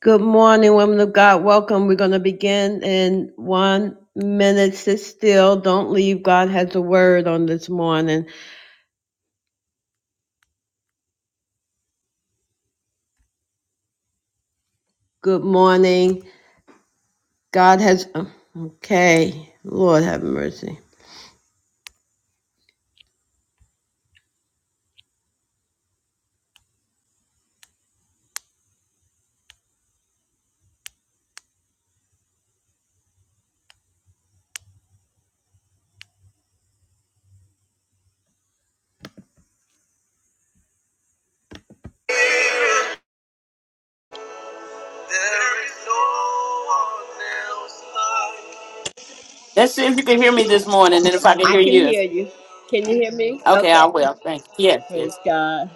Good morning, women of God. Welcome. We're going to begin in one minute. Sit still. Don't leave. God has a word on this morning. Good morning. God has. oh, Okay. Lord have mercy. Let's see if you can hear me this morning, and if I can I hear can you. hear you. Can you hear me? Okay, I Okay. will. Thank you. Yes, Praise yes. God.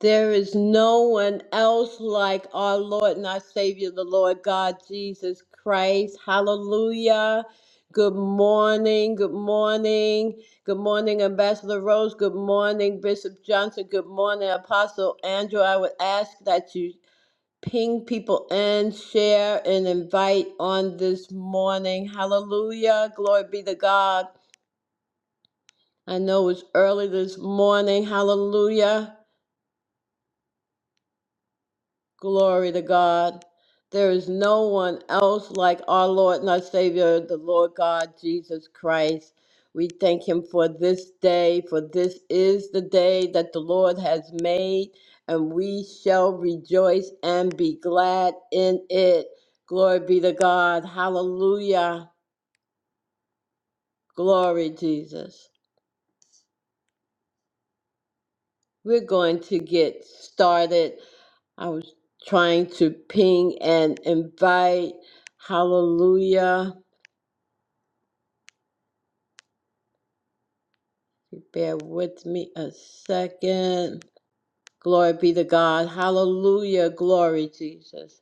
There is no one else like our Lord and our Savior, the Lord God Jesus Christ. Hallelujah. Good morning. Good morning. Good morning, Ambassador Rose. Good morning, Bishop Johnson. Good morning, Apostle Andrew. I would ask that you ping people in, share, and invite on this morning. Hallelujah. Glory be to God. I know it's early this morning. Hallelujah. Glory to God. There is no one else like our Lord and our Savior, the Lord God, Jesus Christ. We thank Him for this day, for this is the day that the Lord has made, and we shall rejoice and be glad in it. Glory be to God. Hallelujah. Glory, Jesus. We're going to get started. I was trying to ping and invite. Hallelujah. Bear with me a second. Glory be to God. Hallelujah. Glory, Jesus.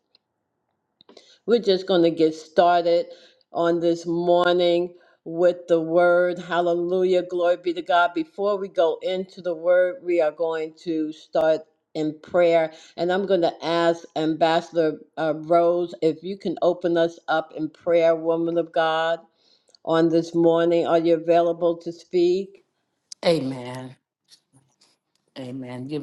We're just going to get started on this morning with the word. Hallelujah. Glory be to God. Before we go into the word, we are going to start in prayer. And I'm going to ask Ambassador uh, Rose if you can open us up in prayer, woman of God, on this morning. Are you available to speak? Amen.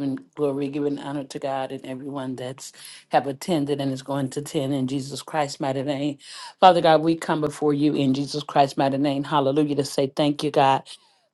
giving glory, giving honor to God and everyone that's have attended and is going to attend in Jesus Christ's mighty name. Father God, we come before you in Jesus Christ's mighty name. Hallelujah. To say thank you, God.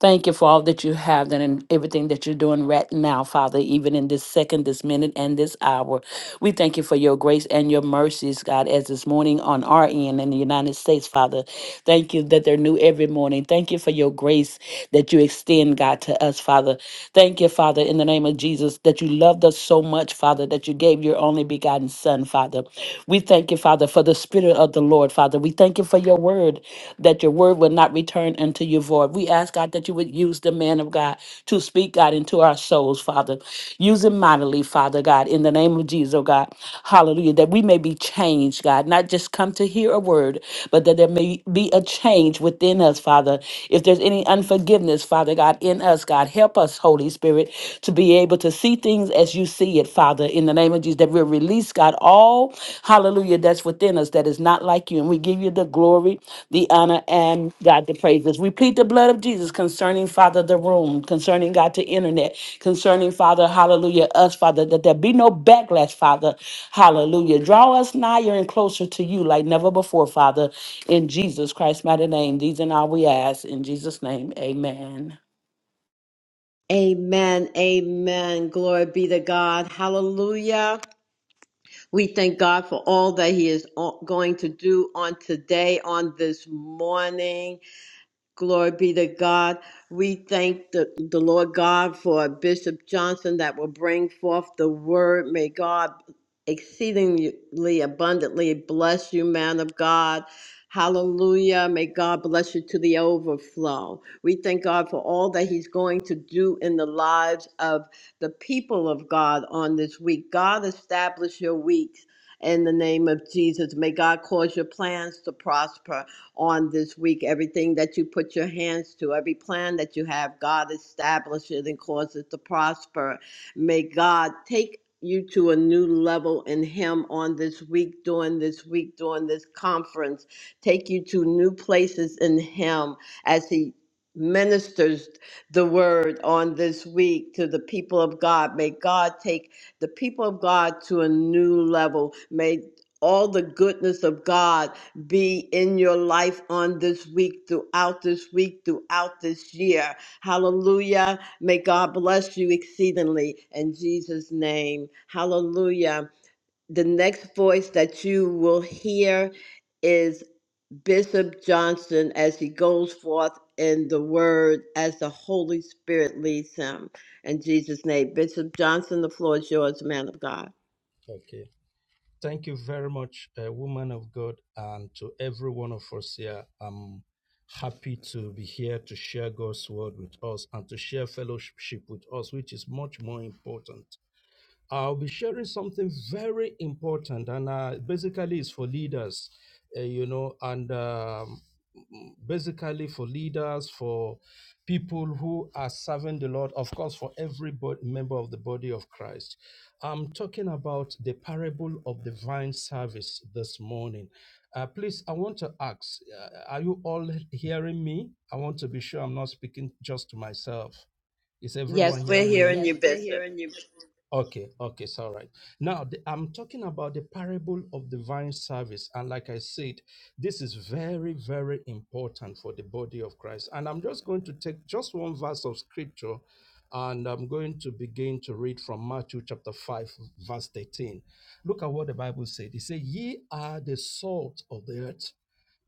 Thank you for all that you have done and everything that you're doing right now, Father, even in this second, this minute, and this hour. We thank you for your grace and your mercies, God, as this morning on our end in the United States, Father. Thank you that they're new every morning. Thank you for your grace that you extend, God, to us, Father. Thank you, Father, in the name of Jesus, that you loved us so much, Father, that you gave your only begotten Son, Father. We thank you, Father, for the Spirit of the Lord, Father. We thank you for your word, that your word will not return unto you void. We ask, God, that you would use the man of God to speak, God, into our souls, Father. Use him mightily, Father, God, in the name of Jesus, oh God. Hallelujah. That we may be changed, God, not just come to hear a word, but that there may be a change within within us, Father. If there's any unforgiveness, Father God, in us, God, help us, Holy Spirit, to be able to see things as you see it, Father, in the name of Jesus, that we'll release, God, all, hallelujah, that's within us that is not like you. And we give you the glory, the honor, and God, the praises. We plead the blood of Jesus concerning, Father, the room, concerning, God, the internet, concerning, Father, hallelujah, us, Father, that there be no backlash, Father, hallelujah. Draw us nigher and closer to you like never before, Father. In Jesus Christ's mighty name, these and all we ask. In Jesus' name, amen. Amen. Amen. Glory be to God. Hallelujah. We thank God for all that He is o- going to do on today, on this morning. Glory be to God. We thank the, the Lord God for Bishop Johnson that will bring forth the word. May God exceedingly abundantly bless you, man of God. Hallelujah. May God bless you to the overflow. We thank God for all that He's going to do in the lives of the people of God on this week. God, establish your weeks in the name of Jesus. May God cause your plans to prosper on this week. Everything that you put your hands to, every plan that you have, God establish it and cause it to prosper. May God take you to a new level in Him on this week, during this week, during this conference. Take you to new places in Him as He ministers the word on this week to the people of God. May God take the people of God to a new level. May all the goodness of God be in your life on this week, throughout this week, throughout this year. Hallelujah. May God bless you exceedingly in Jesus' name. Hallelujah. The next voice that you will hear is Bishop Johnson as he goes forth in the word as the Holy Spirit leads him. In Jesus' name. Bishop Johnson, the floor is yours, man of God. Okay. Thank you very much, uh, woman of God, and to every one of us here. I'm happy to be here to share God's word with us and to share fellowship with us, which is much more important. I'll be sharing something very important, and uh, basically, it's for leaders, uh, you know, and um, basically for leaders, for people who are serving the Lord, of course, for every bo- member of the body of Christ. I'm talking about the parable of the vine service this morning. Uh, please, I want to ask uh, are you all hearing me? I want to be sure I'm not speaking just to myself. Is everyone Yes, we're hearing me? hearing Yes, you, we're Bishop. hearing you. Okay, okay, it's all right. Now, the, I'm talking about the parable of divine service. And like I said, this is very, very important for the body of Christ. And I'm just going to take just one verse of scripture and I'm going to begin to read from Matthew chapter 5, verse 13. Look at what the Bible said. It said, Ye are the salt of the earth.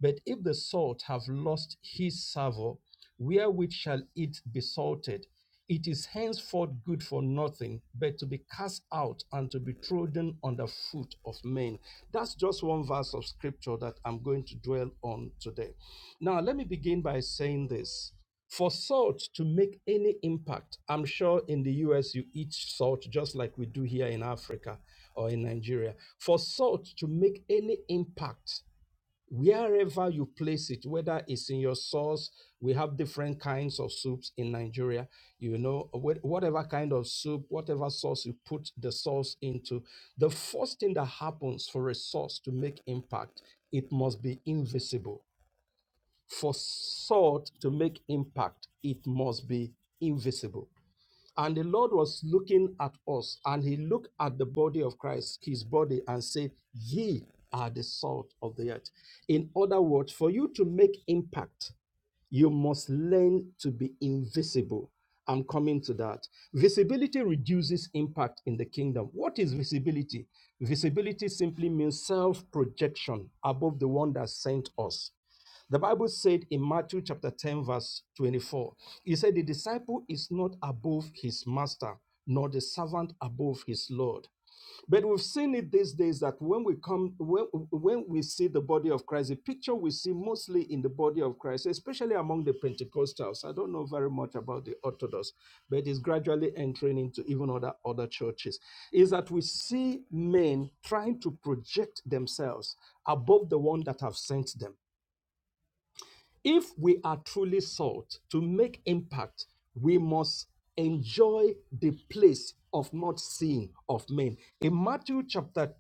But if the salt have lost his savour, wherewith shall it be salted? It is henceforth good for nothing but to be cast out and to be trodden under foot of men. That's just one verse of scripture that I'm going to dwell on today. Now, let me begin by saying this. For salt to make any impact, I'm sure in the US you eat salt just like we do here in Africa or in Nigeria. For salt to make any impact, wherever you place it, whether it's in your sauce, we have different kinds of soups in Nigeria. You know, wh- whatever kind of soup, whatever sauce you put the sauce into, the first thing that happens for a sauce to make impact, it must be invisible. For salt to make impact, it must be invisible. And the Lord was looking at us, and he looked at the body of Christ, his body, and said, Ye are the salt of the earth. In other words, for you to make impact, you must learn to be invisible. I'm coming to that. Visibility reduces impact in the kingdom. What is visibility? Visibility simply means self projection above the one that sent us the Bible said in Matthew chapter 10, verse 24, he said, The disciple is not above his master, nor the servant above his Lord. But we've seen it these days that when we come, when, when we see the body of Christ, the picture we see mostly in the body of Christ, especially among the Pentecostals. I don't know very much about the Orthodox, but it's gradually entering into even other other churches. Is that we see men trying to project themselves above the one that have sent them if we are truly salt to make impact, we must enjoy the place of not seeing of men. In Matthew chapter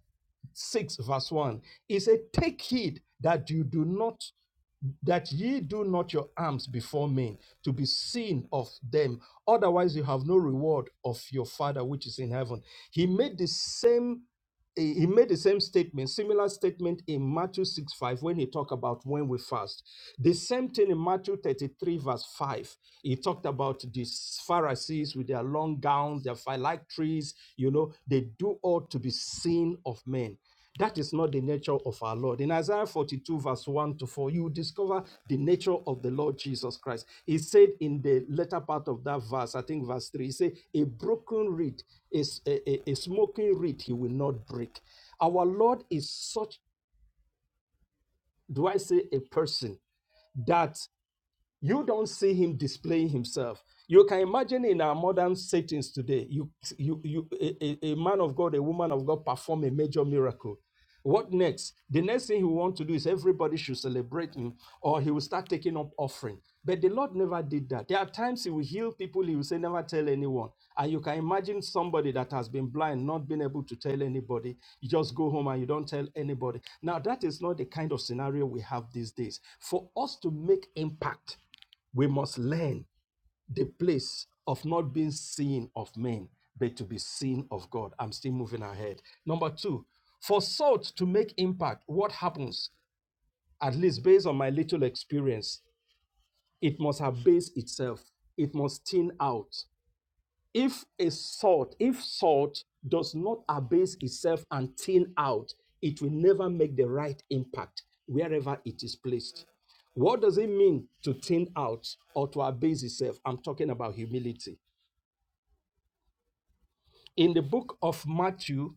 6, verse 1, it says, Take heed that you do not that ye do not your alms before men to be seen of them otherwise you have no reward of your father which is in heaven he made the same eh, he made the same statement similar statement in matthew 6 5 when he talked about when we fast the same thing in matthew 33 verse 5 he talked about these pharisees with their long gowns their phylacteries you know they do all to be seen of men that is not the nature of our Lord. In Isaiah 42, verse 1 to 4, you discover the nature of the Lord Jesus Christ. He said in the latter part of that verse, I think verse 3, he said, A broken reed, is a, a a smoking reed he will not break. Our Lord is such, do I say, a person that you don't see him displaying himself. You can imagine in our modern settings today, you, you, you, a, a- a man of God, a woman of God perform a major miracle. What next? The next thing he will want to do is everybody should celebrate him or he will start taking up offering. But the Lord never did that. There are times he will heal people, he will say, never tell anyone. And you can imagine somebody that has been blind, not being able to tell anybody. You just go home and you don't tell anybody. Now, that is not the kind of scenario we have these days. For us to make impact, we must learn the place of not being seen of men, but to be seen of God. I'm still moving ahead. Number two, for salt to make impact, what happens? At least based on my little experience, it must have based itself. It must thin out if a salt if salt does not abase itself and thin out it will never make the right impact wherever it is placed what does it mean to thin out or to abase itself i'm talking about humility in the book of matthew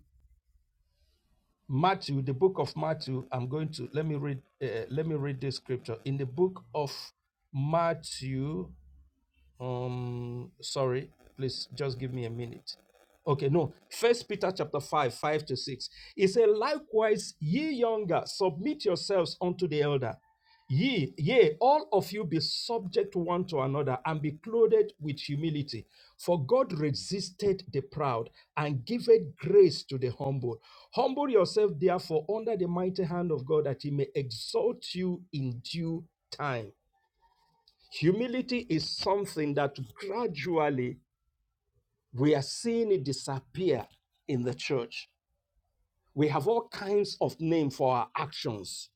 matthew the book of matthew i'm going to let me read uh, let me read this scripture in the book of matthew um sorry please just give me a minute okay no first peter chapter 5 5 to 6 it says, likewise ye younger submit yourselves unto the elder ye yea all of you be subject one to another and be clothed with humility for god resisted the proud and giveth grace to the humble humble yourself therefore under the mighty hand of god that he may exalt you in due time Humility is something that gradually we are seeing it disappear in the church. We have all kinds of names for our actions.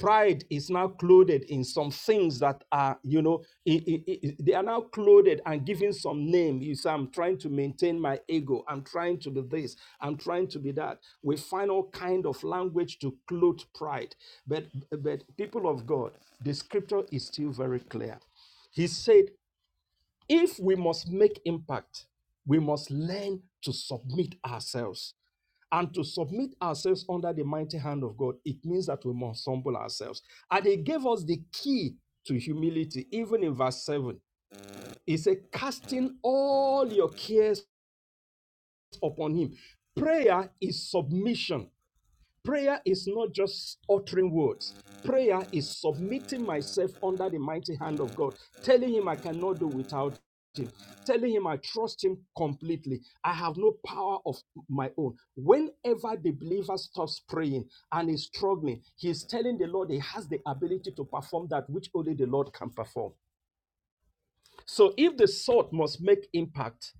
Pride is now clothed in some things that are, you know, i- i- i- they are now clothed and given some name. You say, I'm trying to maintain my ego. I'm trying to be this. I'm trying to be that. We find all kind of language to clothe pride. But, but people of God, the scripture is still very clear. He said, If we must make impact, we must learn to submit ourselves. And to submit ourselves under the mighty hand of God, it means that we must humble ourselves. And He gave us the key to humility, even in verse 7. He said, Casting all your cares upon Him. Prayer is submission Prayer is not just uttering words. Prayer is submitting myself under the mighty hand of God, telling Him I cannot do without Him, telling Him I trust Him completely. I have no power of my own. Whenever the believer stops praying and is struggling, he is telling the Lord he has the ability to perform that which only the Lord can perform. So if the salt must make impact,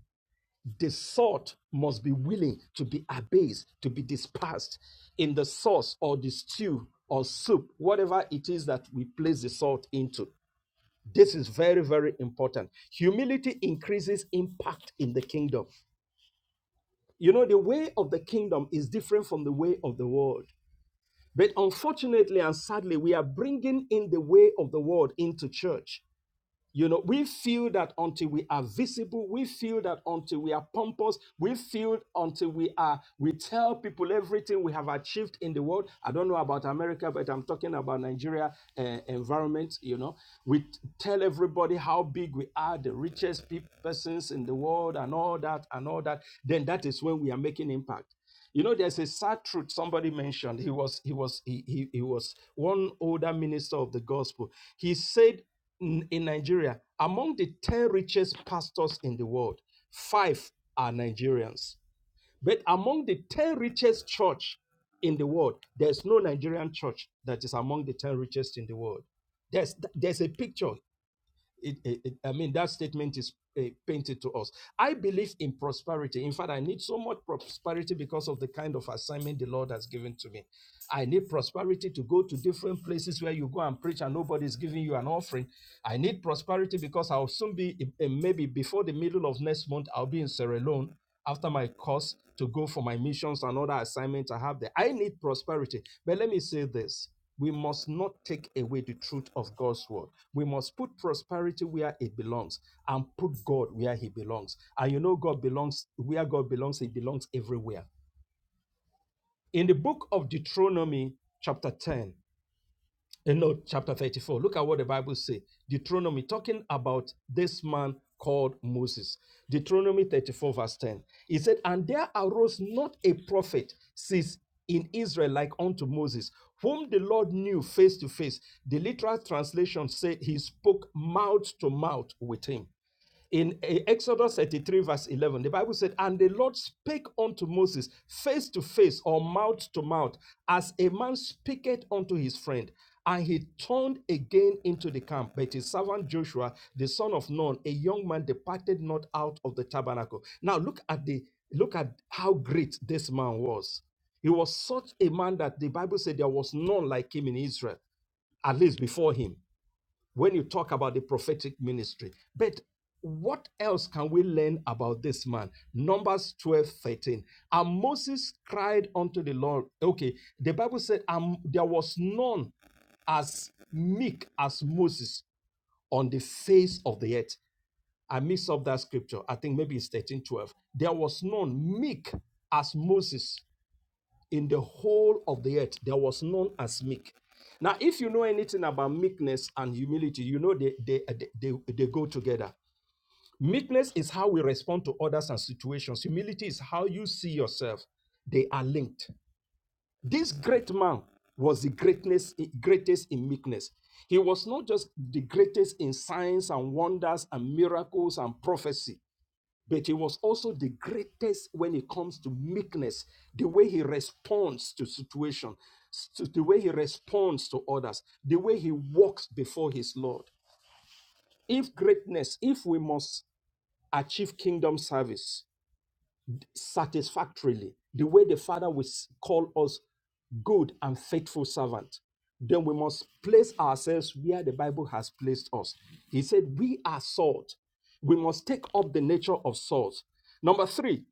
the salt must be willing to be abased, to be dispersed in the sauce or the stew or soup, whatever it is that we place the salt into. This is very, very important. Humility increases impact in the kingdom. You know, the way of the kingdom is different from the way of the world. But unfortunately and sadly, we are bringing in the way of the world into church. You know, we feel that until we are visible, we feel that until we are pompous, we feel until we are, we tell people everything we have achieved in the world. I don't know about America, but I'm talking about Nigeria uh, environment. You know, we t- tell everybody how big we are, the richest pe- persons in the world, and all that, and all that. Then that is when we are making impact. You know, there's a sad truth somebody mentioned. He was, he was, he, he, he was one older minister of the gospel. He said N- in Nigeria, among the 10 richest pastors in the world, five are Nigerians. But among the 10 richest church in the world, there's no Nigerian church that is among the 10 richest in the world. There's, there's a picture. It, it- it- I mean, that statement is uh, painted to us. I believe in prosperity. In fact, I need so much prosperity because of the kind of assignment the Lord has given to me. I need prosperity to go to different places where you go and preach and nobody's giving you an offering. I need prosperity because I'll soon be, eh, eh, maybe before the middle of next month, I'll be in Sierra Leone after my course to go for my missions and other assignments I have there. I need prosperity. But let me say this we must not take away the truth of God's word. We must put prosperity where it belongs and put God where he belongs. And you know, God belongs where God belongs, he belongs everywhere in the book of Deuteronomy, chapter 10, eh, no, chapter 34, look at what the Bible says. Deuteronomy, talking about this man called Moses. Deuteronomy 34, verse 10. He said, And there arose not a prophet since in Israel like unto Moses, whom the Lord knew face to face. The literal translation said he spoke mouth to mouth with him in eh, Exodus 33, verse 11, the Bible said, And the Lord spake unto Moses face to face or mouth to mouth, as a man speaketh unto his friend. And he turned again into the camp. But his servant Joshua, the son of Nun, a young man, departed not out of the tabernacle. Now look at the look at how great this man was. He was such a man that the Bible said there was none like him in Israel, at least before him when you talk about the prophetic ministry. But what else can we learn about this man? Numbers 12 13. And Moses cried unto the Lord. Okay, the Bible said, um, there was none as meek as Moses on the face of the earth. I mix up that scripture. I think maybe it's 13 12. There was none meek as Moses in the whole of the earth. There was none as meek. Now, if you know anything about meekness and humility, you know they, they, they, they, they go together. Meekness is how we respond to others and situations, humility is how you see yourself. They are linked. This great man was the greatness, greatest in meekness. He was not just the greatest in signs and wonders and miracles and prophecy but he was also the greatest when it comes to meekness the way he responds to situation to the way he responds to others the way he walks before his lord if greatness if we must achieve kingdom service satisfactorily the way the father will s- call us good and faithful servant then we must place ourselves where the bible has placed us he said we are salt we must take up the nature of salt number 3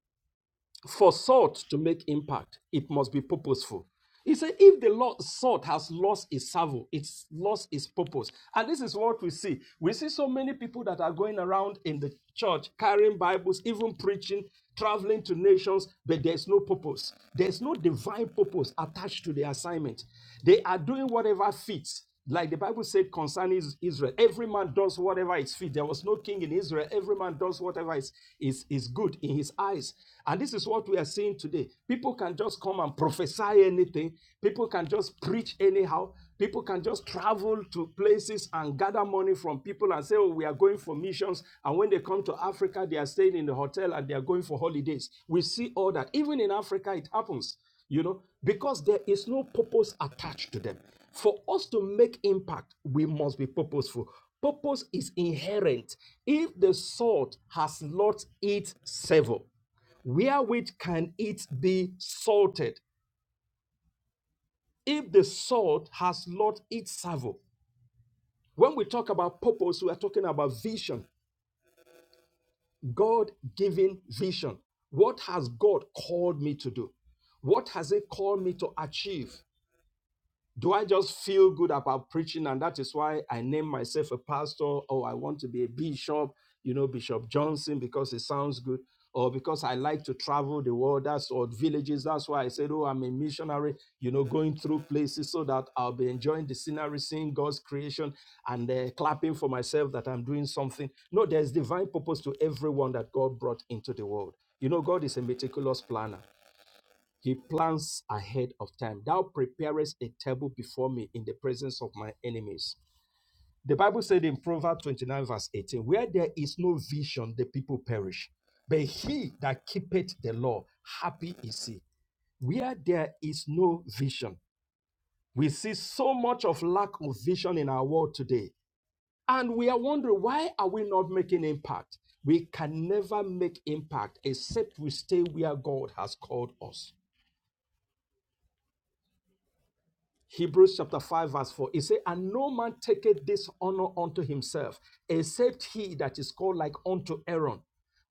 for salt to make impact, it must be purposeful. He said, if the salt has lost its savour, it's lost its purpose. And this is what we see. We see so many people that are going around in the church carrying Bibles, even preaching, traveling to nations, but there's no purpose. There's no divine purpose attached to the assignment. They are doing whatever fits. Like the Bible said concerning Israel, every man does whatever is fit. There was no king in Israel. Every man does whatever is, is, is good in his eyes. And this is what we are seeing today. People can just come and prophesy anything, people can just preach anyhow. People can just travel to places and gather money from people and say, Oh, we are going for missions. And when they come to Africa, they are staying in the hotel and they are going for holidays. We see all that. Even in Africa, it happens, you know, because there is no purpose attached to them. For us to make impact, we must be purposeful. Purpose is inherent. If the salt has lost its savor, wherewith can it be salted? If the salt has lost its savor, when we talk about purpose, we are talking about vision, God given vision. What has God called me to do? What has He called me to achieve? do I just feel good about preaching? And that is why I name myself a pastor, or I want to be a bishop, you know, Bishop Johnson, because it sounds good, or because I like to travel the world, that's or villages. That's why I said, Oh, I'm a missionary, you know, going through places so that I'll be enjoying the scenery, seeing God's creation, and uh, clapping for myself that I'm doing something. No, there's divine purpose to everyone that God brought into the world. You know, God is a meticulous planner. He plans ahead of time. Thou preparest a table before me in the presence of my enemies. The Bible said in Proverbs 29, verse 18, where there is no vision, the people perish. But he that keepeth the law, happy is he. Where there is no vision, we see so much of lack of vision in our world today. And we are wondering why are we not making impact? We can never make impact except we stay where God has called us. Hebrews chapter 5, verse 4. It says, And no man taketh this honor unto himself, except he that is called like unto Aaron.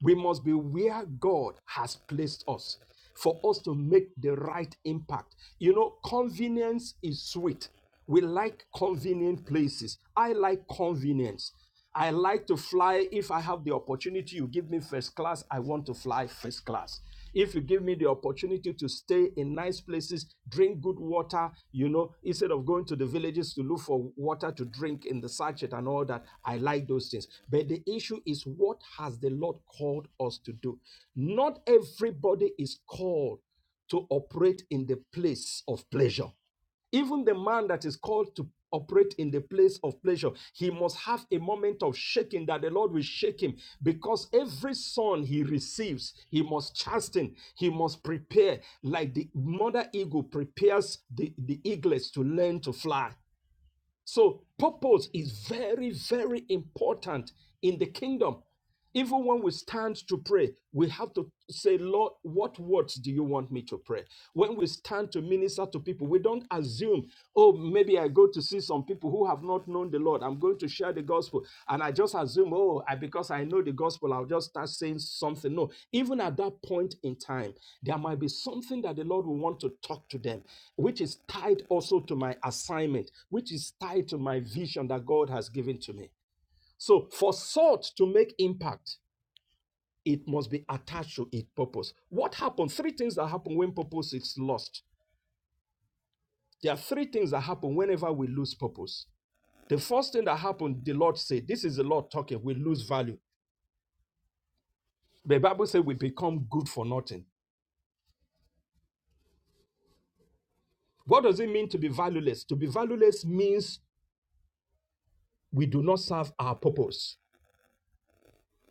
We must be where God has placed us for us to make the right impact. You know, convenience is sweet. We like convenient places. I like convenience. I like to fly. If I have the opportunity, you give me first class, I want to fly first class. If you give me the opportunity to stay in nice places, drink good water, you know, instead of going to the villages to look for water to drink in the sachet and all that, I like those things. But the issue is what has the Lord called us to do? Not everybody is called to operate in the place of pleasure. Even the man that is called to operate in the place of pleasure, he must have a moment of shaking that the Lord will shake him because every son he receives, he must chasten, he must prepare, like the mother eagle prepares the, the eaglets to learn to fly. So, purpose is very, very important in the kingdom. Even when we stand to pray, we have to say, Lord, what words do you want me to pray? When we stand to minister to people, we don't assume, oh, maybe I go to see some people who have not known the Lord. God. I'm going to share the gospel. And I just assume, oh, I, because I know the gospel, I'll just start saying something. No, even at that point in time, there might be something that the Lord will want to talk to them, which is tied also to my assignment, which is tied to my vision that God has given to me. So for salt to make impact, it must be attached to its purpose. What happened? Three things that happen when purpose is lost. There are three things that happen whenever we lose purpose. The first thing that happened, the Lord said, This is the Lord talking, we lose value. The Bible says we become good for nothing. What does it mean to be valueless? To be valueless means we do not serve our purpose.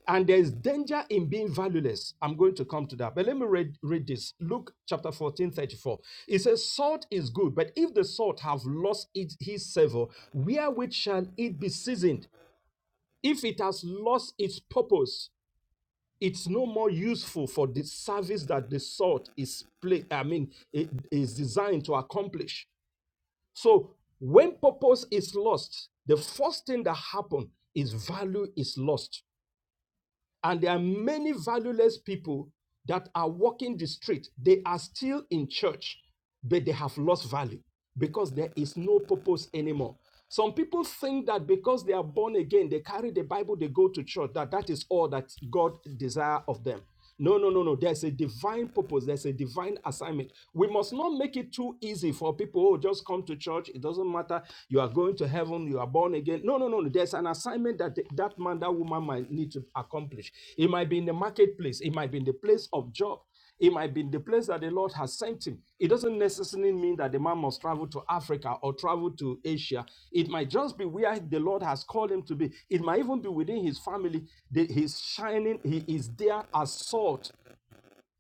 And there's danger in being valueless. I'm going to come to that. But let me read, read this. Luke chapter 14, 34. It says, Salt is good, but if the salt have lost its, his savor, wherewith shall it be seasoned? If it has lost its purpose, it's no more useful for the service that the salt is play, I mean, it is designed to accomplish. So when purpose is lost, the first thing that happens is value is lost. And there are many valueless people that are walking the street. They are still in church, but they have lost value because there is no purpose anymore. Some people think that because they are born again, they carry the Bible, they go to church, that that is all that God desire of them. No, no, no, no. There's a divine purpose. There's a divine assignment. We must not make it too easy for people. Oh, just come to church. It doesn't matter. You are going to heaven. You are born again. No, no, no. no. There's an assignment that th- that man, that woman might need to accomplish. It might be in the marketplace. It might be in the place of job. It might be in the place that the Lord has sent him. It doesn't necessarily mean that the man must travel to Africa or travel to Asia. It might just be where the Lord has called him to be. It might even be within his family that he's shining, he is there as salt.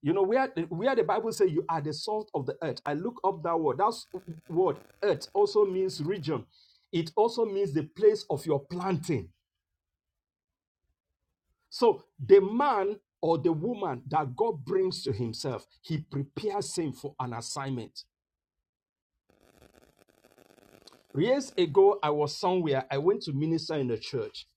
You know, where, where the Bible says you are the salt of the earth. I look up that word. That word, earth, also means region. It also means the place of your planting so the man or the woman that God brings to himself, he prepares him for an assignment. Years ago, I was somewhere, I went to minister in the church.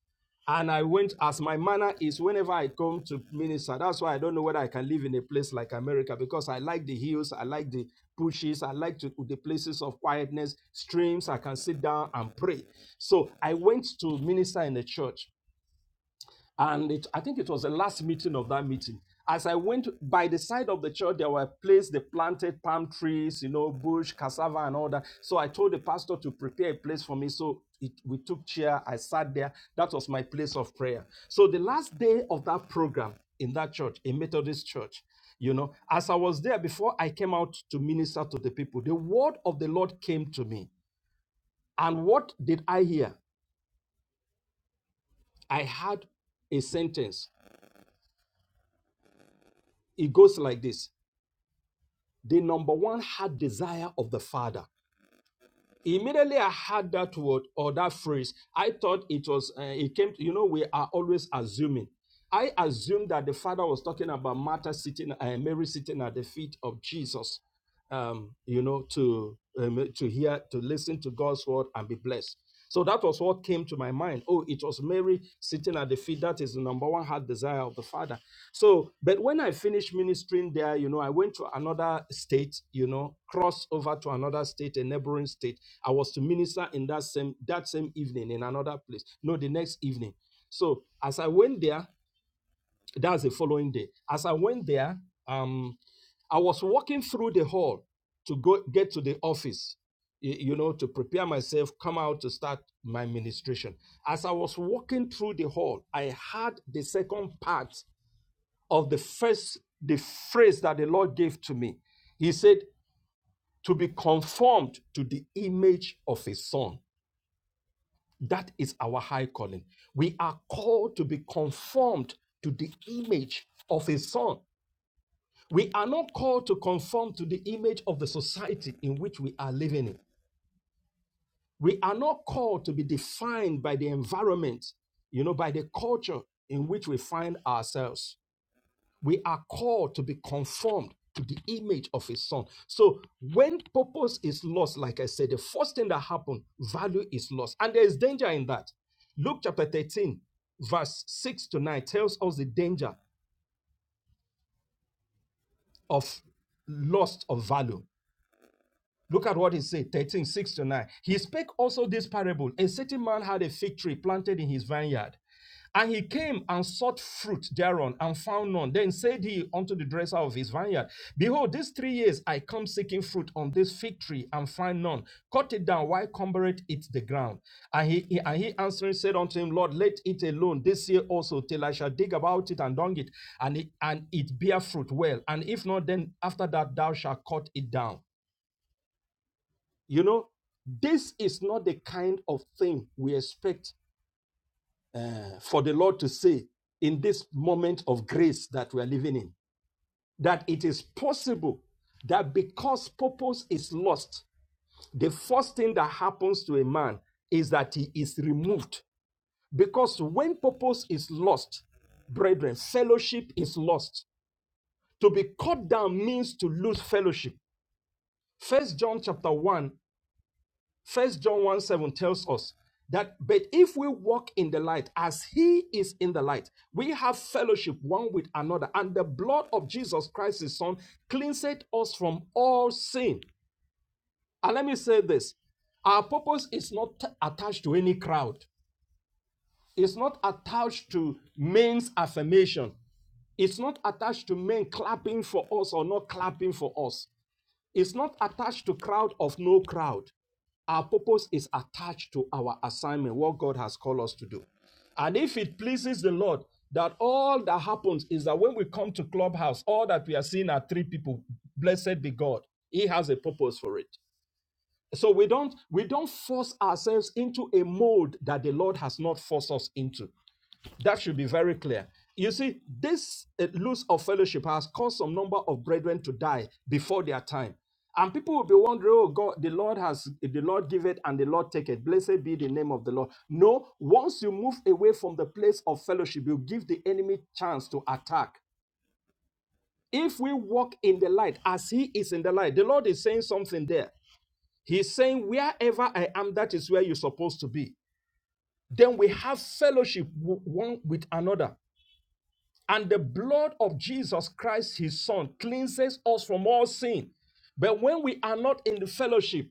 And I went, as my manner is, whenever I come to minister, that's why I don't know whether I can live in a place like America because I like the hills, I like the bushes, I like to, the places of quietness, streams, I can sit down and pray. So I went to minister in the church. and it, I think it was the last meeting of that meeting. As I went by the side of the church, there were places they planted palm trees, you know, bush, cassava, and all that. So I told the pastor to prepare a place for me. So it, we took chair. I sat there. That was my place of prayer. So the last day of that program in that church, a Methodist church, you know, as I was there before I came out to minister to the people, the word of the Lord came to me. And what did I hear? I heard a sentence. It goes like this the number one heart desire of the father immediately i heard that word or that phrase i thought it was uh, it came to, you know we are always assuming i assumed that the father was talking about martha sitting uh, mary sitting at the feet of jesus um, you know to um, to hear to listen to god's word and be blessed so that was what came to my mind oh it was mary sitting at the feet that is the number one heart desire of the father so, but when I finished ministering there, you know, I went to another state, you know, crossed over to another state, a neighboring state. I was to minister in that same that same evening in another place. No, the next evening. So as I went there, that's the following day. As I went there, um, I was walking through the hall to go get to the office, y- you know, to prepare myself, come out to start my ministration. As I was walking through the hall, I had the second part of the first the phrase that the Lord gave to me. He said, to be conformed to the image of his son. That is our high calling. We are called to be conformed to the image of his son. We are not called to conform to the image of the society in which we are living in. We are not called to be defined by the environment, you know, by the culture in which we find ourselves. We are called to be conformed to the image of his son. So when purpose is lost, like I said, the first thing that happened, value is lost. And there is danger in that. Luke chapter 13, verse 6 to 9 tells us the danger of loss of value. Look at what he said, 13 6 to 9. He spake also this parable. A certain man had a fig tree planted in his vineyard, and he came and sought fruit thereon, and found none. Then said he unto the dresser of his vineyard, Behold, these three years I come seeking fruit on this fig tree, and find none. Cut it down, why cumbereth it the ground? And he, he- and he answering said unto him, Lord, let it alone this year also, till I shall dig about it and dung it, and it, and it bear fruit well. And if not, then after that thou shalt cut it down. You know, this is not the kind of thing we expect uh, for the Lord to say in this moment of grace that we are living in. That it is possible that because purpose is lost, the first thing that happens to a man is that he is removed. Because when purpose is lost, brethren, fellowship is lost. To be cut down means to lose fellowship. First John chapter 1 First John 1 7 tells us that, but if we walk in the light as he is in the light, we have fellowship one with another, and the blood of Jesus Christ, his son, cleanseth us from all sin. And let me say this our purpose is not attached to any crowd, it's not attached to men's affirmation, it's not attached to men clapping for us or not clapping for us. It's not attached to crowd of no crowd. Our purpose is attached to our assignment, what God has called us to do. And if it pleases the Lord, that all that happens is that when we come to Clubhouse, all that we are seeing are three people. Blessed be God. He has a purpose for it. So we don't we don't force ourselves into a mode that the Lord has not forced us into. That should be very clear. You see, this uh, loss of fellowship has caused some number of brethren to die before their time. And people will be wondering, oh God, the Lord has the Lord give it and the Lord take it. Blessed be the name of the Lord. No, once you move away from the place of fellowship, you give the enemy chance to attack. If we walk in the light as he is in the light, the Lord is saying something there. He's saying, Wherever I am, that is where you're supposed to be. Then we have fellowship one with another. And the blood of Jesus Christ, his son, cleanses us from all sin. But when we are not in the fellowship,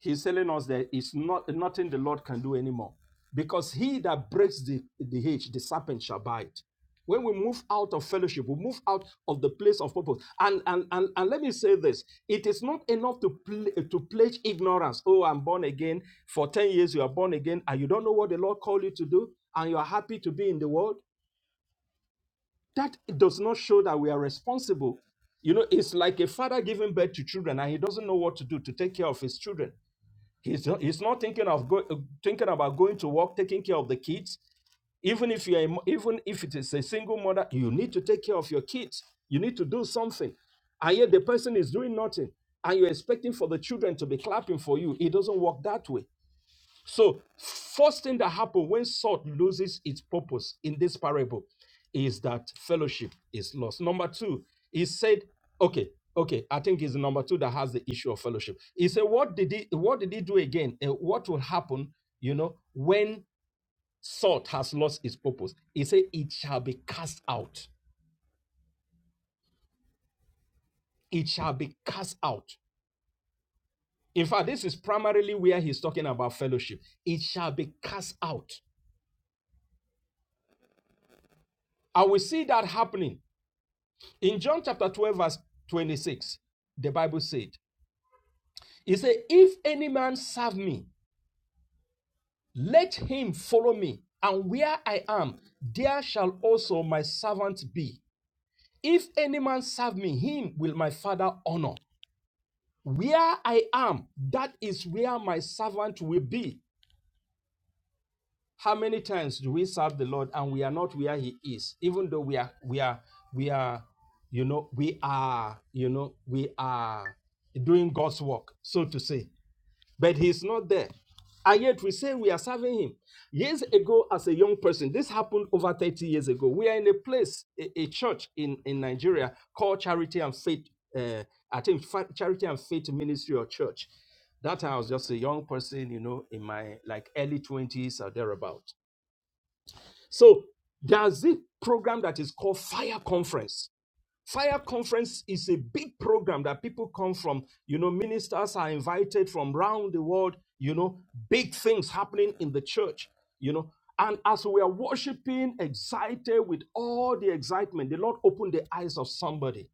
he's telling us that it's not nothing the Lord can do anymore. Because he that breaks the, the hedge, the serpent shall bite. When we move out of fellowship, we move out of the place of purpose. And and and, and let me say this: it is not enough to pl- to pledge ignorance. Oh, I'm born again. For 10 years, you are born again, and you don't know what the Lord called you to do, and you are happy to be in the world. That does not show that we are responsible. You know, it's like a father giving birth to children and he doesn't know what to do to take care of his children. He's not, he's not thinking of go, uh, thinking about going to work, taking care of the kids. Even if you're a even if it is a single mother, you need to take care of your kids. You need to do something. And yet the person is doing nothing, and you're expecting for the children to be clapping for you. It doesn't work that way. So, first thing that happens when salt loses its purpose in this parable is that fellowship is lost. Number two, he said, okay, okay, I think it's number two that has the issue of fellowship. He said, what did he what did he do again? Eh, what will happen, you know, when salt has lost its purpose? He said, it shall be cast out. It shall be cast out. In fact, this is primarily where he's talking about fellowship. It shall be cast out. I will see that happening In John chapter 12, verse 26, the Bible said, He said, If any man serve me, let him follow me, and where I am, there shall also my servant be. If any man serve me, him will my Father honor. Where I am, that is where my servant will be. How many times do we serve the Lord and we are not where He is, even though we are, we are, we are, you know, we are, you know, we are doing God's work, so to say. but he's not there. And yet we say we are serving him. Years ago, as a young person, this happened over 30 years ago. We are in a place, a, a church in, in Nigeria called Charity and Faith, uh, I think Fa- Charity and Faith Ministry or Church. That time I was just a young person, you know, in my like early 20s or thereabout. So there's this program that is called Fire Conference Fire Conference is a big program that people come from. You know, ministers are invited from around the world, you know, big things happening in the church, you know. And as we are worshiping, excited with all the excitement, the Lord opened the eyes of somebody.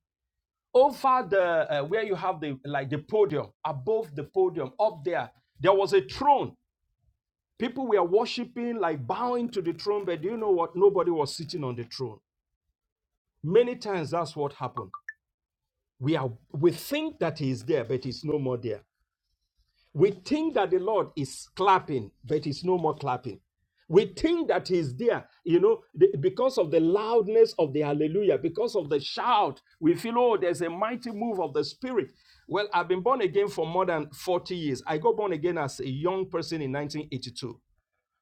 Over the uh, where you have the like the podium, above the podium, up there, there was a throne. People were worshiping, like bowing to the throne, but do you know what? Nobody was sitting on the throne. Many times that's what happened we are we think that he is there but he's no more there we think that the lord is clapping but he's no more clapping we think that he's there you know the- because of the loudness of the hallelujah because of the shout we feel oh there's a mighty move of the spirit well i've been born again for more than 40 years i got born again as a young person in 1982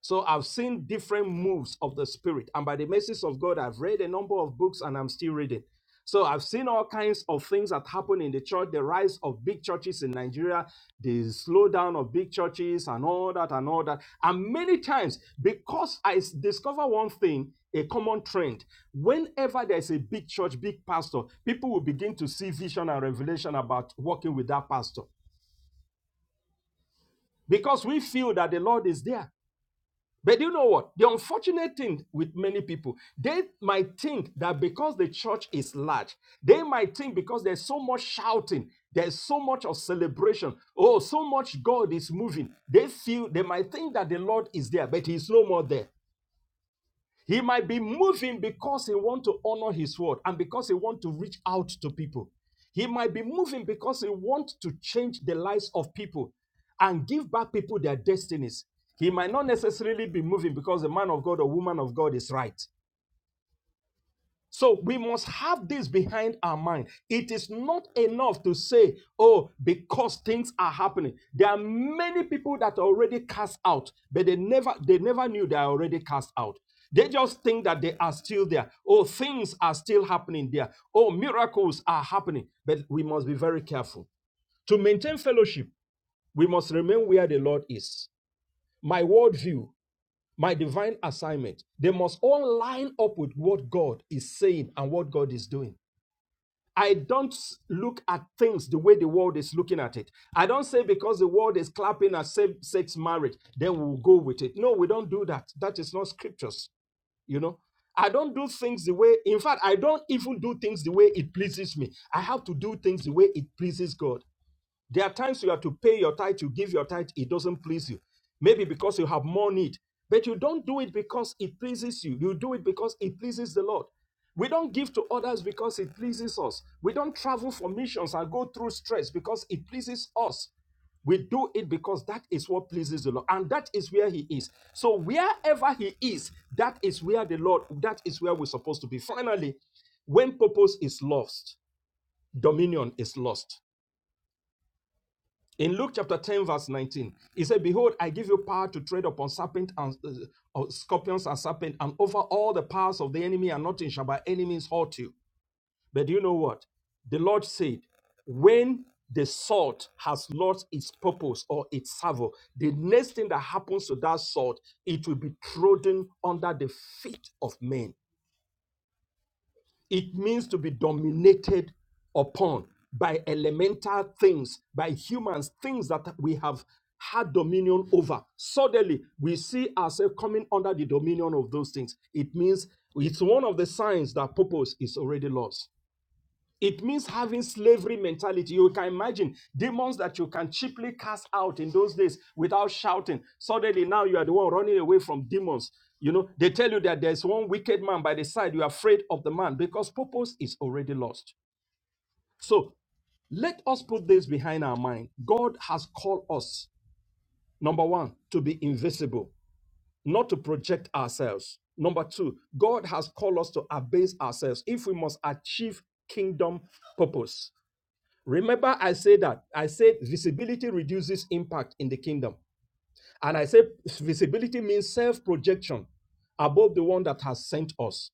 so I've seen different moves of the Spirit. And by the mercies of God, I've read a number of books and I'm still reading. So I've seen all kinds of things that happen in the church, the rise of big churches in Nigeria, the slowdown of big churches and all that and all that. And many times, because I s- discover one thing, a common trend, whenever there's a big church, big pastor, people will begin to see vision and revelation about working with that pastor because we feel that the Lord is there. But you know what? The unfortunate thing with many people, they might think that because the church is large, they might think because there's so much shouting, there's so much of celebration, oh, so much God is moving. They feel they might think that the Lord is there, but He's no more there. He might be moving because he want to honor his word and because he want to reach out to people. He might be moving because he want to change the lives of people and give back people their destinies. He might not necessarily be moving because the man of God or woman of God is right. So we must have this behind our mind. It is not enough to say, oh, because things are happening. There are many people that are already cast out, but they never they never knew they are already cast out. They just think that they are still there. Oh, things are still happening there. Oh, miracles are happening. But we must be very careful. To maintain fellowship, we must remain where the Lord is. My worldview, my divine assignment, they must all line up with what God is saying and what God is doing. I don't look at things the way the world is looking at it. I don't say because the world is clapping at same sex marriage, then we'll go with it. No, we don't do that. That is not scriptures, you know. I don't do things the way, in fact, I don't even do things the way it pleases me. I have to do things the way it pleases God. There are times you have to pay your tithe, you give your tithe, it doesn't please you. Maybe because you have more need, but you don't do it because it pleases you. You do it because it pleases the Lord. We don't give to others because it pleases us. We don't travel for missions and go through stress because it pleases us. We do it because that is what pleases the Lord, and that is where He is. So wherever He is, that is where the Lord, that is where we're supposed to be. Finally, when purpose is lost, dominion is lost. In Luke chapter 10, verse 19, he said, Behold, I give you power to tread upon serpent and uh, uh, uh, scorpions and serpent, and over all the powers of the enemy, and nothing shall by any means hurt you. But do you know what? The Lord said, When the salt has lost its purpose or its savor, the next thing that happens to that salt, it will be trodden under the feet of men. It means to be dominated upon by elemental things, by humans, things that we have had dominion over. Suddenly, we see ourselves coming under the dominion of those things. It means it's one of the signs that purpose is already lost. It means having slavery mentality. You can imagine demons that you can cheaply cast out in those days without shouting. Suddenly, now you are the one running away from demons. You know, they tell you that there's one wicked man by the side. You are afraid of the man because purpose is already lost. So let us put this behind our mind. God has called us, number one, to be invisible, not to project ourselves. Number two, God has called us to abase ourselves if we must achieve kingdom purpose. Remember, I said that. I said visibility reduces impact in the kingdom. And I said visibility means self projection above the one that has sent us.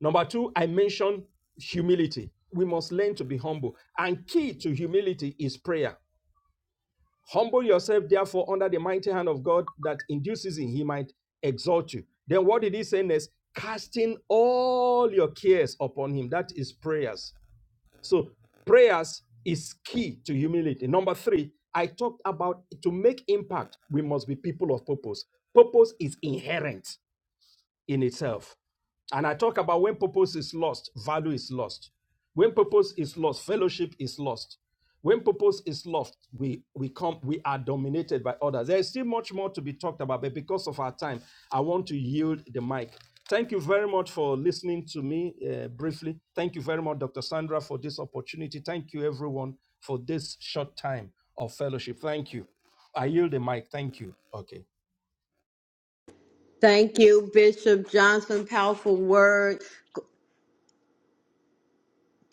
Number two, I mentioned humility. We must learn to be humble. And key to humility is prayer. Humble yourself, therefore, under the mighty hand of God that induces in He might exalt you. Then what did He say next? Casting all your cares upon Him. That is prayers so prayers is key to humility. Number three, I talked about to make impact, we must be people of purpose. Purpose is inherent in itself. And I talk about when purpose is lost, value is lost. When purpose is lost, fellowship is lost. When purpose is lost, we we come we are dominated by others. There is still much more to be talked about, but because of our time, I want to yield the mic. Thank you very much for listening to me uh, briefly. Thank you very much, Dr. Sandra, for this opportunity. Thank you, everyone, for this short time of fellowship. Thank you. I yield the mic. Thank you. Okay. Thank you, Bishop Johnson. Powerful word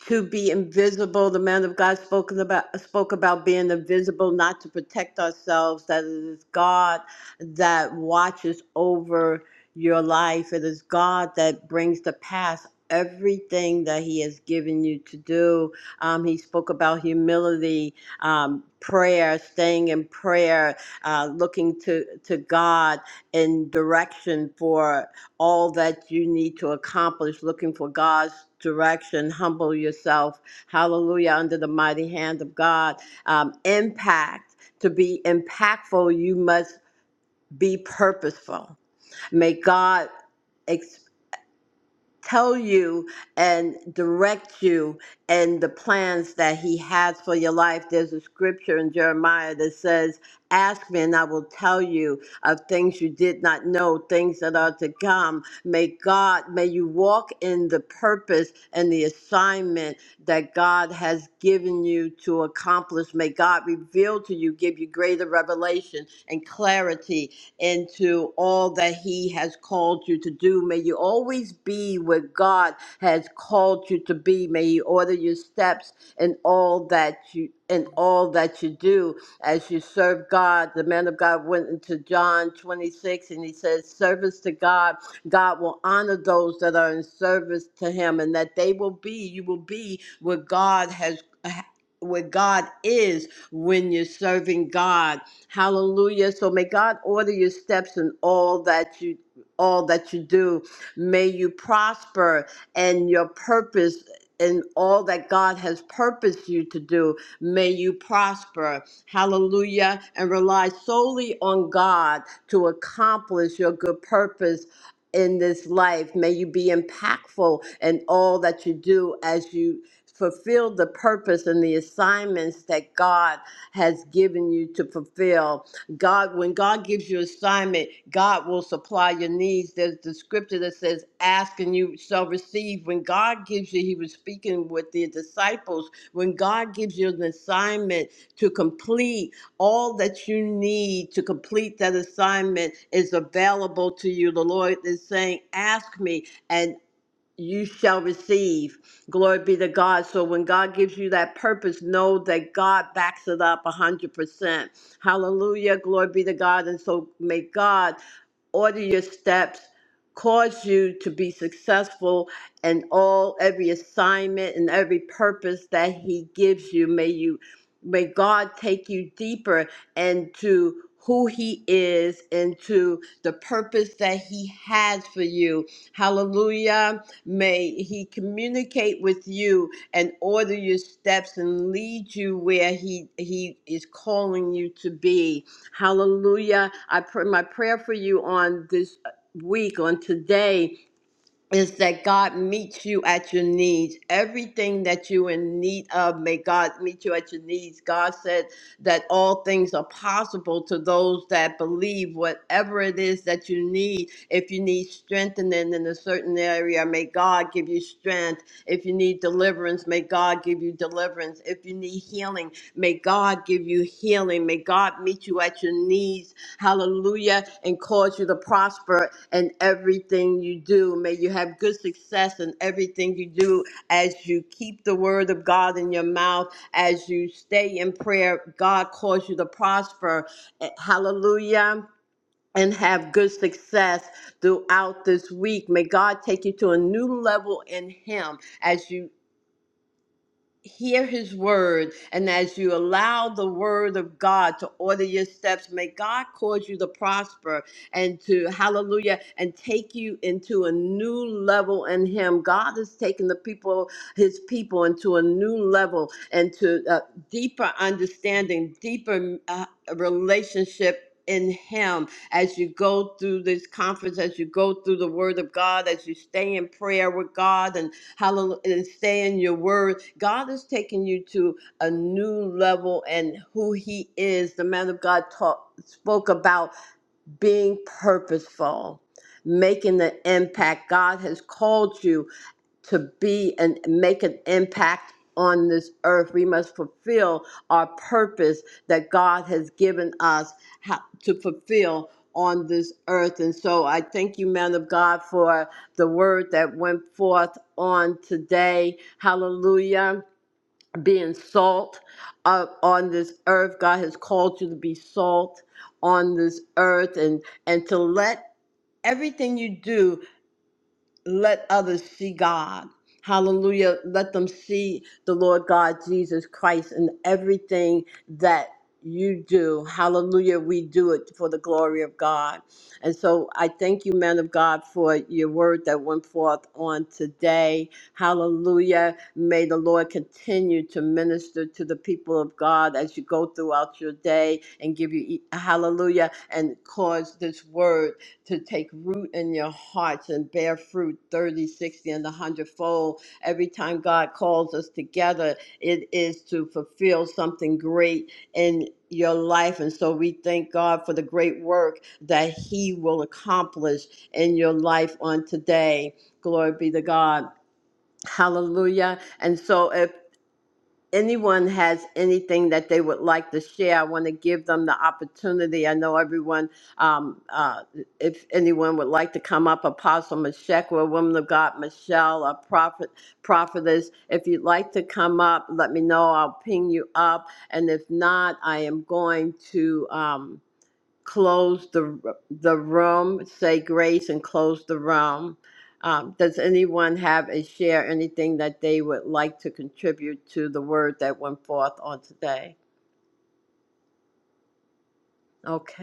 to be invisible. The man of God spoken about spoke about being invisible, not to protect ourselves. That it is God that watches over your life. It is God that brings to pass everything that He has given you to do. Um, he spoke about humility, um, prayer, staying in prayer, uh, looking to to God in direction for all that you need to accomplish, looking for God's direction. Humble yourself. Hallelujah. Under the mighty hand of God. Um, impact. To be impactful, you must be purposeful. May God ex- tell you and direct you in the plans that He has for your life. There's a scripture in Jeremiah that says, Ask me, and I will tell you of things you did not know, things that are to come. May God, may you walk in the purpose and the assignment that God has given you to accomplish. May God reveal to you, give you greater revelation and clarity into all that He has called you to do. May you always be where God has called you to be. May He order your steps in all that you in all that you do as you serve God. The man of God went into John 26 and he says, Service to God, God will honor those that are in service to him, and that they will be, you will be where God has. Where God is when you're serving God. Hallelujah. So may God order your steps in all that you all that you do. May you prosper and your purpose in all that God has purposed you to do. May you prosper. Hallelujah. And rely solely on God to accomplish your good purpose in this life. May you be impactful in all that you do as you fulfill the purpose and the assignments that God God has given you to fulfill. God, when God gives you assignment, God will supply your needs. There's the scripture that says, Ask and you shall receive. When God gives you, He was speaking with the disciples. When God gives you an assignment to complete, all that you need to complete that assignment is available to you. The Lord is saying, Ask me. and." you shall receive. Glory be to God. So when God gives you that purpose, know that God backs it up 100%. Hallelujah. Glory be to God. And so may God order your steps cause you to be successful in all every assignment and every purpose that he gives you may you may god take you deeper into who he is into the purpose that he has for you hallelujah May He communicate with you and order your steps and lead you where He He is calling you to be. Hallelujah! I pray my prayer for you on this uh, week, on today, is that God meets you at your needs. Everything that you in need of, may God meet you at your needs. God said that all things are possible to those that believe. Whatever it is that you need, if you need strengthening in a certain area, may God give you strength. If you need deliverance, may God give you deliverance. If you need healing, may God give you healing. May God meet you at your needs. Hallelujah. And cause you to prosper in everything you do. May you have good success in everything you do as you keep the word of God in your mouth, as you stay in prayer. God cause you to prosper. Eh, Hallelujah. And have good success throughout this week. May God take you to a new level in Him as you hear his word and as you allow the word of god to order your steps may god cause you to prosper and to hallelujah and take you into a new level in him god is taking the people his people into a new level and to uh, deeper understanding deeper uh, relationship in him as you go through this conference as you go through the word of god as you stay in prayer with god and Hallelujah. And stay in your word. God is taking you to a new level and who he is. The man of God taught, spoke about being purposeful, making the impact. God has called you to be and make an impact on this earth. We must fulfill our purpose that God has given us ho- to fulfill on this earth. And so I thank you, man of God, for the word that went forth on today. Hallelujah. Being salt uh, on this earth. God has called you to be salt on this earth and and to let everything you do let others see God. Hallelujah. Let them see the Lord God Jesus Christ in everything that you do. Hallelujah. We do it for the glory of God. And so I thank you, man of God, for your word that went forth on today. Hallelujah. May the Lord continue to minister to the people of God as you go throughout your day and give you, e-, hallelujah, and cause this word to take root in your hearts and bear fruit 30, 60, and a hundredfold. Every time God calls us together, it is to fulfill something great in your life. And so we thank God for the great work that He will accomplish in your life on today. Glory be to God. Hallelujah. And so if anyone has anything that they would like to share, I want to give them the opportunity. I know everyone, um, uh, if anyone would like to come up, Apostle Meshekwa, Woman of God, Michelle, a prophet, prophetess, if you'd like to come up, let me know. I'll ping you up. And if not, I am going to. Um, close the the room, say grace and close the room. Um, does anyone have a share anything that they would like to contribute to the word that went forth on today? Okay.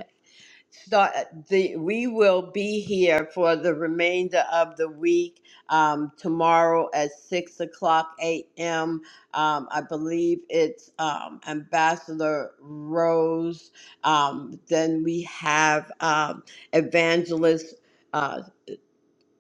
start the we will be here for the remainder of the week um, tomorrow at six o'clock a.m um, i believe it's um, ambassador rose um, then we have um, evangelist uh,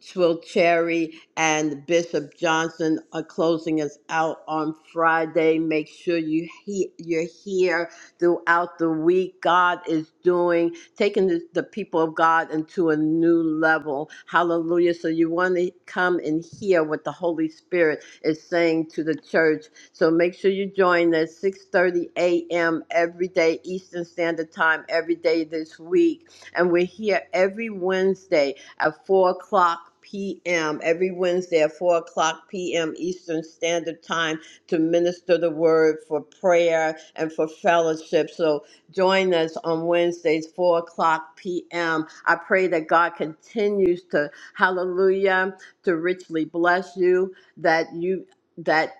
Twill Cherry and Bishop Johnson are closing us out on Friday. Make sure you he- you're here throughout the week. God is doing taking the, the people of God into a new level. Hallelujah! So you want to come and hear what the Holy Spirit is saying to the church. So make sure you join us 6:30 a.m. every day Eastern Standard Time every day this week, and we're here every Wednesday at 4 o'clock p.m. every Wednesday at 4 o'clock p.m. Eastern Standard Time to minister the word for prayer and for fellowship. So join us on Wednesdays, 4 o'clock p.m. I pray that God continues to, hallelujah, to richly bless you, that you, that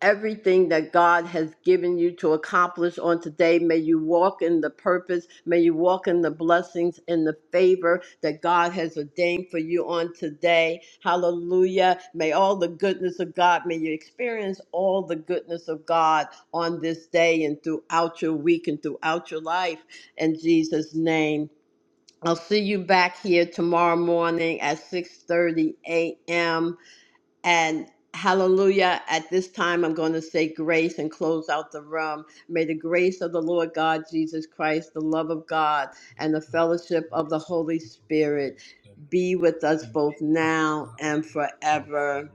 everything that God has given you to accomplish on today. May you walk in the purpose. May you walk in the blessings and the favor that God has ordained for you on today. Hallelujah. May all the goodness of God, may you experience all the goodness of God on this day and throughout your week and throughout your life. In Jesus' name. I'll see you back here tomorrow morning at 6:30 a.m. And hallelujah. At this time, I'm going to say grace and close out the room. May the grace of the Lord God Jesus Christ, the love of God, and the fellowship of the Holy Spirit be with us both now and forever.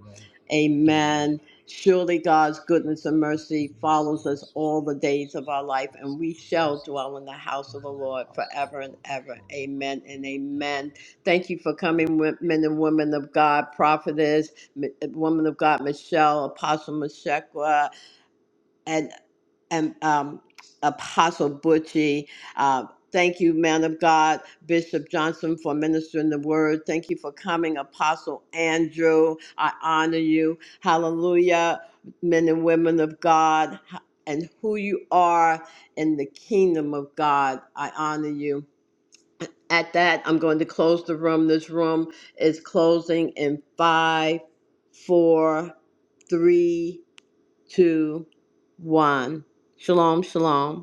Amen. Amen. Surely God's goodness line and has mercy less Escasas follows us all the days resources of our on life, these and we shall families, dwell in the but house of the many Lord forever households and ever. forever Amen and in abundance. amen. Thank you for coming, wo- men and women of God, prophetess. Mi- eh, woman of God, Michelle, Apostle Meshekwa, and and um, Apostle Butchie. Uh, thank you, man of God, Bishop Johnson, for ministering the word. Thank you for coming, Apostle Andrew. I honor you. Hallelujah, men and women of God, and who you are in the kingdom of God. I honor you. At that, I'm going to close the room. This room is closing in five, four, three, two, one. Shalom, shalom.